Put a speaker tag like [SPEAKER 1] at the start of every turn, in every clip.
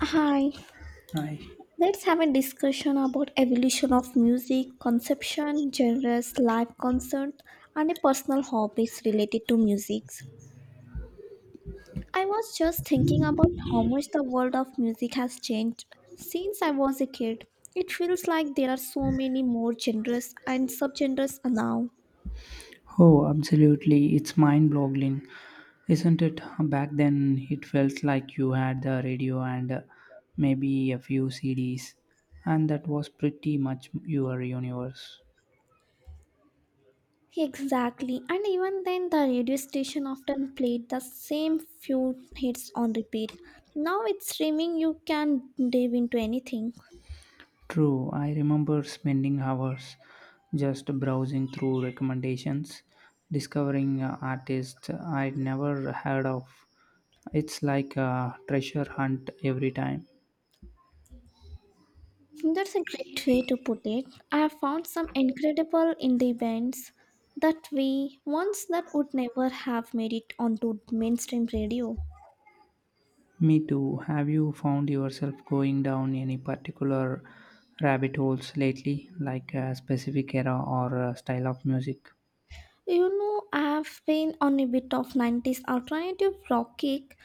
[SPEAKER 1] Hi,
[SPEAKER 2] I,
[SPEAKER 1] let's have a discussion about evolution of music, conception, genres, live concert, and a personal hobbies related to music. I was just thinking about how much the world of music has changed since I was a kid. It feels like there are so many more genres and subgenres now.
[SPEAKER 2] oh, absolutely. It's mind boggling, isn't it? Back then, it felt like you had the radio and maybe a few CDs, and that was pretty much your universe.
[SPEAKER 1] Exactly, and even then, the radio station often played the same few hits on repeat. Now with streaming, you can dive into anything.
[SPEAKER 2] True, I remember spending hours just browsing through recommendations, discovering artists I'd never heard of. It's like a treasure hunt every time.
[SPEAKER 1] That's a great way to put it. I have found some incredible indie bands that we once that would never have made it onto mainstream radio.
[SPEAKER 2] Me too. Have you found yourself going down any particular rabbit holes lately, like a specific era or a style of music?
[SPEAKER 1] You know, I've been on a bit of 90s alternative rock kick.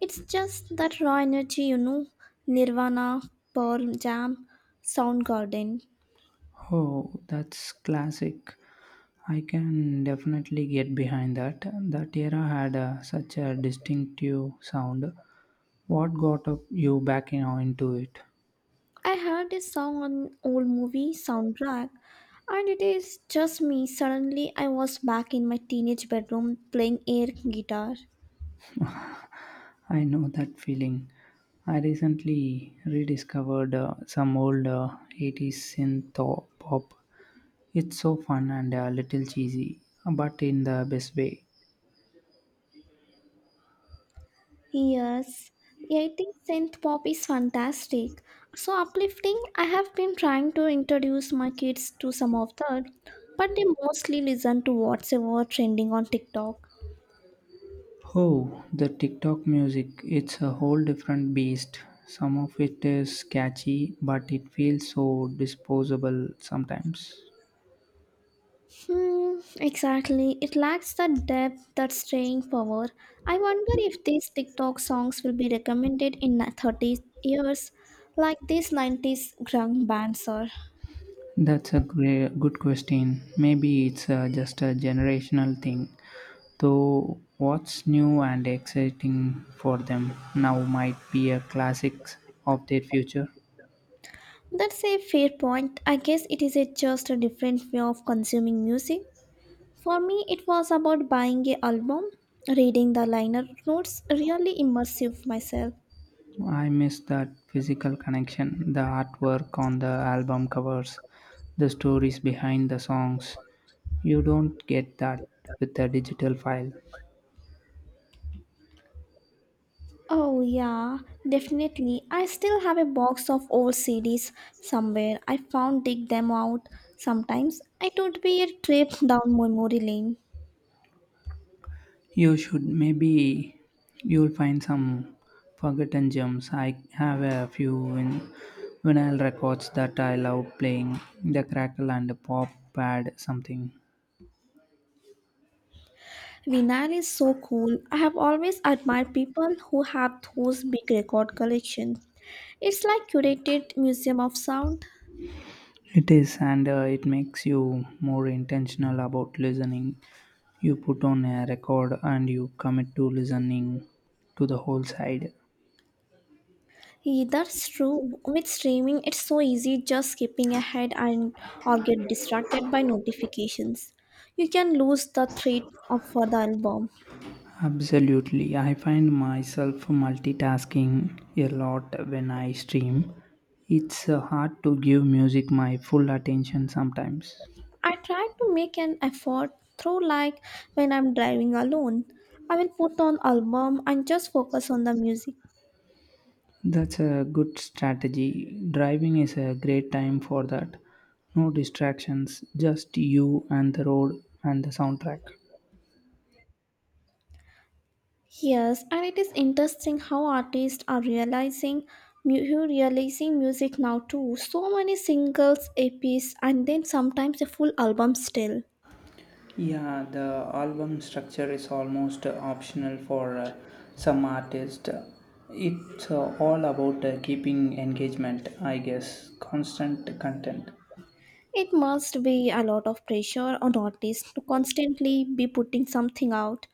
[SPEAKER 1] It's just that raw energy, you know, Nirvana, Pearl Jam, Soundgarden.
[SPEAKER 2] Oh, that's classic. I can definitely get behind that. That era had such a distinctive sound. What got up you back in, into it?
[SPEAKER 1] I heard this song on old movie soundtrack and it is just me. Suddenly I was back in my teenage bedroom playing air guitar.
[SPEAKER 2] I know that feeling. I recently rediscovered some old 80s synth pop. It's so fun and a little cheesy, but in the best way.
[SPEAKER 1] Yes, I think synth pop is fantastic. So uplifting, I have been trying to introduce my kids to some of that, but they mostly listen to whatever trending on TikTok.
[SPEAKER 2] Oh, the TikTok music, it's a whole different beast. Some of it is catchy, but it feels so disposable sometimes.
[SPEAKER 1] Hmm, exactly. It lacks the depth, that staying power. I wonder if these TikTok songs will be recommended in 30 years, like these 90s grunge bands are.
[SPEAKER 2] That's a good question. Maybe it's just a generational thing. Though what's new and exciting for them now might be a classic of their future.
[SPEAKER 1] That's a fair point. I guess it is just a different way of consuming music. For me, it was about buying a album, reading the liner notes, really immersive myself.
[SPEAKER 2] I miss that physical connection, the artwork on the album covers, the stories behind the songs. You don't get that with a digital file.
[SPEAKER 1] Oh, yeah, definitely. I still have a box of old CDs somewhere. I found dig them out sometimes. It would be a trip down memory lane.
[SPEAKER 2] You should maybe you'll find some forgotten gems. I have a few vinyl records that I love playing, the crackle and the pop pad something.
[SPEAKER 1] Vinyl is so cool. I have always admired people who have those big record collections. It's like curated museum of sound.
[SPEAKER 2] It is and it makes you more intentional about listening. You put on a record and you commit to listening to the whole side.
[SPEAKER 1] Yeah, that's true. With streaming, it's so easy just skipping ahead and or get distracted by notifications. You can lose the thread of for the album.
[SPEAKER 2] Absolutely. I find myself multitasking a lot when I stream. It's hard to give music my full attention sometimes.
[SPEAKER 1] I try to make an effort through like when I'm driving alone. I will put on album and just focus on the music.
[SPEAKER 2] That's a good strategy. Driving is a great time for that. No distractions, just you and the road and the soundtrack.
[SPEAKER 1] Yes, and it is interesting how artists are realizing who realizing music now too. So many singles, a EPs, and then sometimes a full album still.
[SPEAKER 2] Yeah, the album structure is almost optional for some artists. It's all about keeping engagement, I guess, constant content.
[SPEAKER 1] It must be a lot of pressure on artists to constantly be putting something out.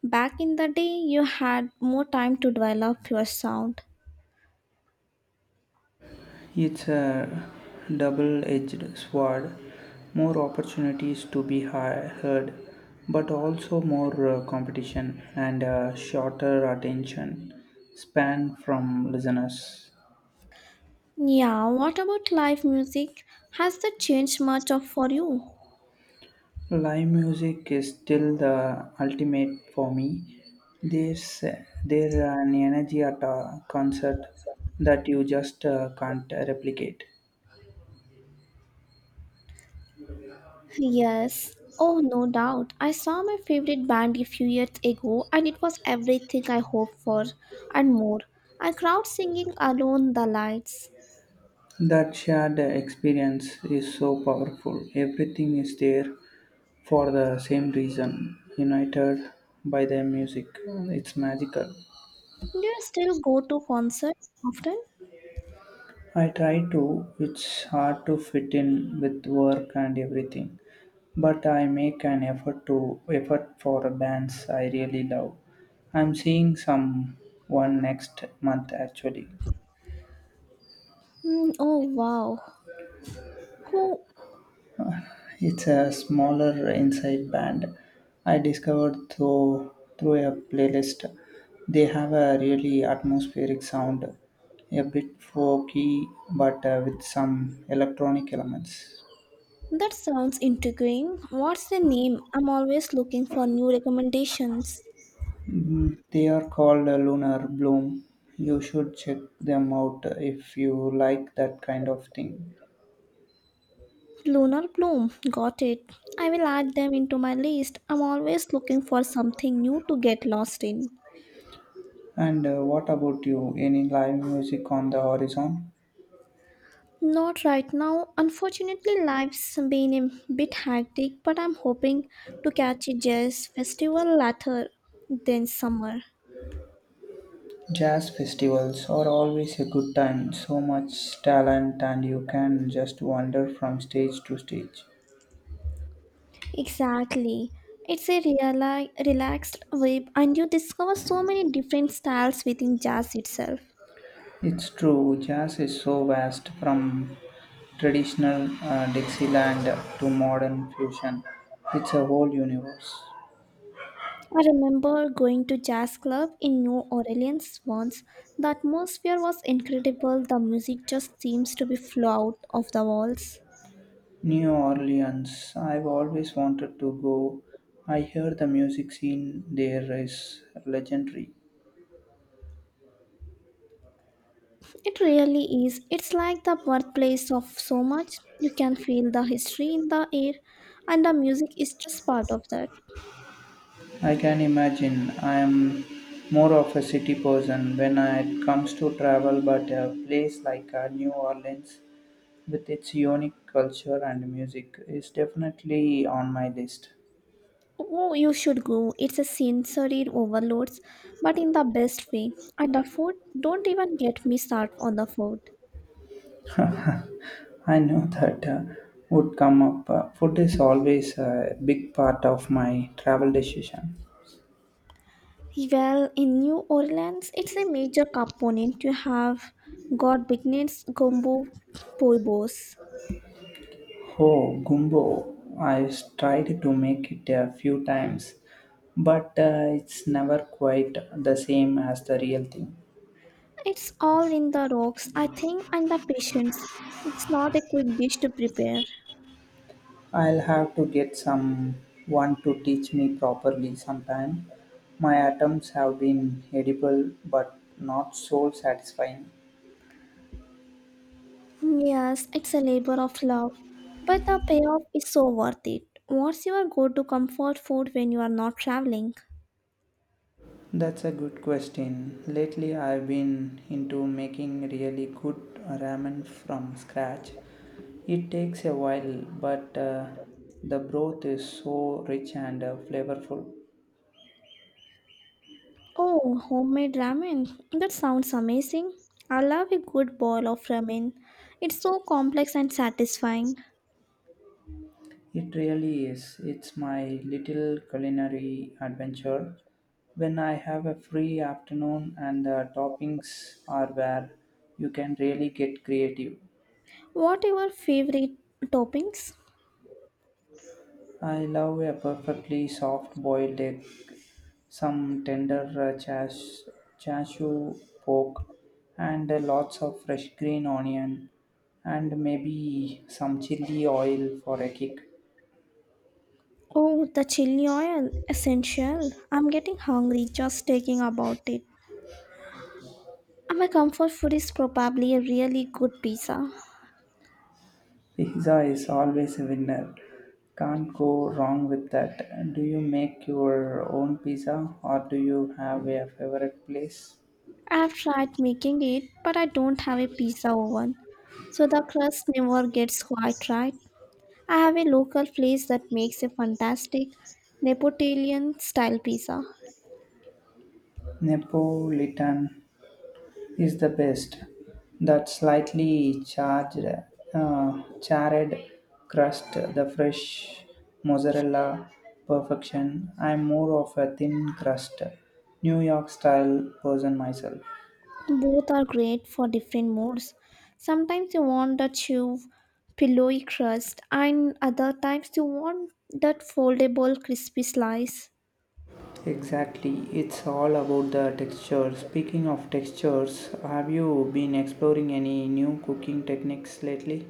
[SPEAKER 1] Back in the day, you had more time to develop your sound.
[SPEAKER 2] It's a double edged sword, more opportunities to be heard, but also more competition and a shorter attention span from listeners.
[SPEAKER 1] Yeah, what about live music? Has that changed much of for you?
[SPEAKER 2] Live music is still the ultimate for me. There's there an energy at a concert that you just can't replicate.
[SPEAKER 1] Yes. Oh, no doubt. I saw my favorite band a few years ago and it was everything I hoped for and more. A crowd singing alone the lights.
[SPEAKER 2] That shared experience is so powerful. Everything is there for the same reason, united by the music. It's magical.
[SPEAKER 1] Do you still go to concert often?
[SPEAKER 2] I try to. It's hard to fit in with work and everything, but I make an effort to effort for bands I really love. I'm seeing some one next month actually.
[SPEAKER 1] Hmm. Oh, wow. Oh,
[SPEAKER 2] It's a smaller inside band I discovered through a playlist. They have a really atmospheric sound, a bit folky but with some electronic elements.
[SPEAKER 1] that sounds intriguing. What's the name? I'm always looking for new recommendations.
[SPEAKER 2] They are called Lunar Bloom. You should check them out if you like that kind of thing.
[SPEAKER 1] Lunar bloom, got it. I will add them into my list. I'm always looking for something new to get lost in.
[SPEAKER 2] And what about you? Any live music on the horizon?
[SPEAKER 1] Not right now. Unfortunately, life's been a bit hectic, but I'm hoping to catch a jazz festival later than summer.
[SPEAKER 2] Jazz festivals are always a good time, so much talent, and you can just wander from stage to stage.
[SPEAKER 1] Exactly. It's a relaxed vibe, and you discover so many different styles within jazz itself.
[SPEAKER 2] It's true, jazz is so vast from traditional Dixieland to modern fusion. It's a whole universe.
[SPEAKER 1] I remember going to jazz club in New Orleans once. The atmosphere was incredible. The music just seems to be flow out of the walls.
[SPEAKER 2] New Orleans, I've always wanted to go. I hear the music scene there is legendary.
[SPEAKER 1] It really is. It's like the birthplace of so much. You can feel the history in the air, and the music is just part of that.
[SPEAKER 2] I can imagine. I am more of a city person when it comes to travel, but a place like New Orleans with its unique culture and music is definitely on my list.
[SPEAKER 1] Oh, you should go. It's a sensory overload, but in the best way. And the food, don't even get me started on the food.
[SPEAKER 2] I know that would come up. Food is always a big part of my travel decision.
[SPEAKER 1] Well, in New Orleans, it's a major component. You have got beginners, gumbo, poibos.
[SPEAKER 2] Oh, gumbo. I've tried to make it a few times, but it's never quite the same as the real thing.
[SPEAKER 1] It's all in the rocks, I think, and the patience. It's not a quick dish to prepare.
[SPEAKER 2] I'll have to get someone to teach me properly sometime. My attempts have been edible but not soul satisfying.
[SPEAKER 1] Yes, it's a labor of love, but the payoff is so worth it. What's your go to comfort food when you are not traveling?
[SPEAKER 2] That's a good question. Lately, I've been into making really good ramen from scratch. It takes a while, but the broth is so rich and flavorful.
[SPEAKER 1] Oh, homemade ramen. That sounds amazing. I love a good bowl of ramen. It's so complex and satisfying.
[SPEAKER 2] It really is. It's my little culinary adventure when I have a free afternoon and the toppings are where you can really get creative.
[SPEAKER 1] What are your favorite toppings?
[SPEAKER 2] I love a perfectly soft boiled egg, some tender uh, chas- chashu pork, and lots of fresh green onion, and maybe some chili oil for a kick.
[SPEAKER 1] Oh, the chili oil, essential. I'm getting hungry just thinking about it. My comfort food is probably a really good pizza.
[SPEAKER 2] Pizza is always a winner. Can't go wrong with that. Do you make your own pizza or do you have a favorite place?
[SPEAKER 1] I've tried making it, but I don't have a pizza oven, so the crust never gets quite right. I have a local place that makes a fantastic Neapolitan style pizza.
[SPEAKER 2] Napolitan is the best. That slightly charred crust, the fresh mozzarella perfection. I'm more of a thin crust, New York style person myself.
[SPEAKER 1] Both are great for different moods. Sometimes you want that chew, pillowy crust, and other times you want that foldable, crispy slice.
[SPEAKER 2] Exactly, it's all about the texture. Speaking of textures, have you been exploring any new cooking techniques lately?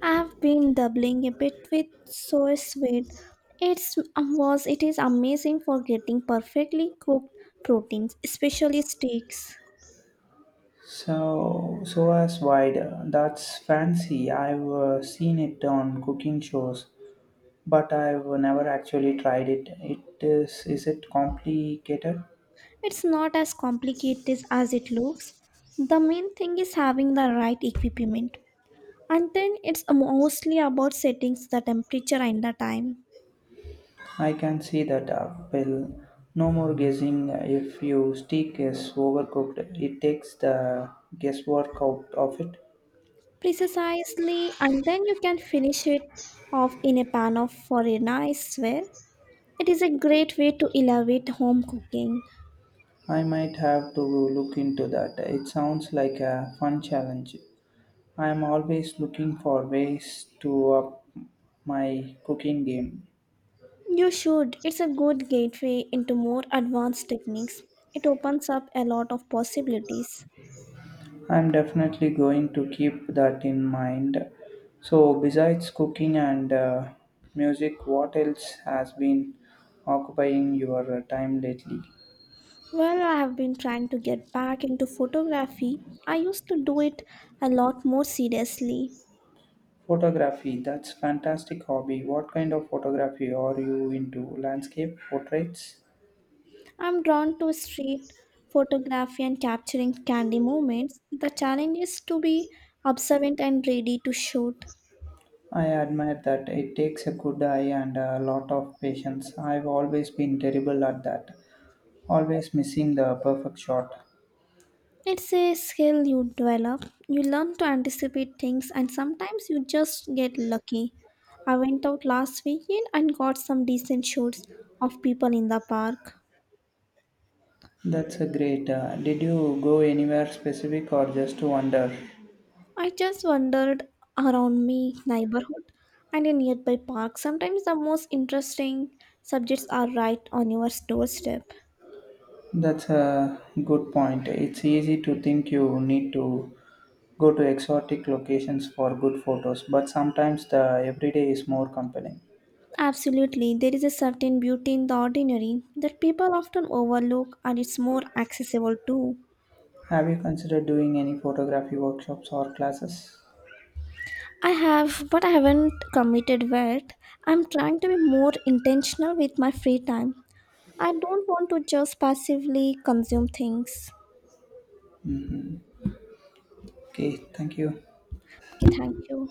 [SPEAKER 1] I have been doubling a bit with soy sweet. It's was it is amazing for getting perfectly cooked proteins, especially steaks.
[SPEAKER 2] So, as wide, that's fancy. I've seen it on cooking shows, but I've never actually tried it. Is it complicated?
[SPEAKER 1] It's not as complicated as it looks. The main thing is having the right equipment. And then it's mostly about setting the temperature and the time
[SPEAKER 2] I can see that apple. No more guessing. If you steak is overcooked, it takes the guesswork out of it.
[SPEAKER 1] precisely, and then you can finish it off in a pan of for a nice swear. It is a great way to elevate home cooking.
[SPEAKER 2] I might have to look into that. It sounds like a fun challenge. I am always looking for ways to up my cooking game.
[SPEAKER 1] You should. It's a good gateway into more advanced techniques. It opens up a lot of possibilities.
[SPEAKER 2] I'm definitely going to keep that in mind. So, besides cooking and music, what else has been occupying your time lately?
[SPEAKER 1] Well, I have been trying to get back into photography. I used to do it a lot more seriously.
[SPEAKER 2] Photography, that's fantastic hobby. What kind of photography are you into? Landscape, portraits?
[SPEAKER 1] I'm drawn to street photography and capturing candy moments. The challenge is to be observant and ready to shoot.
[SPEAKER 2] I admire that. It takes a good eye and a lot of patience. I've always been terrible at that, always missing the perfect shot.
[SPEAKER 1] It's a skill you develop. You learn to anticipate things, and sometimes you just get lucky. I went out last weekend and got some decent shots of people in the park.
[SPEAKER 2] That's a great. Did you go anywhere specific or just to wander?
[SPEAKER 1] I just wandered around my neighborhood and in nearby parks. Sometimes the most interesting subjects are right on your doorstep.
[SPEAKER 2] That's a good point. It's easy to think you need to go to exotic locations for good photos, but sometimes the everyday is more compelling.
[SPEAKER 1] Absolutely, there is a certain beauty in the ordinary that people often overlook, and it's more accessible too.
[SPEAKER 2] Have you considered doing any photography workshops or classes?
[SPEAKER 1] I have, but I haven't committed yet. I'm trying to be more intentional with my free time. I don't want to just passively consume things.
[SPEAKER 2] Okay, thank you.
[SPEAKER 1] Okay, thank you.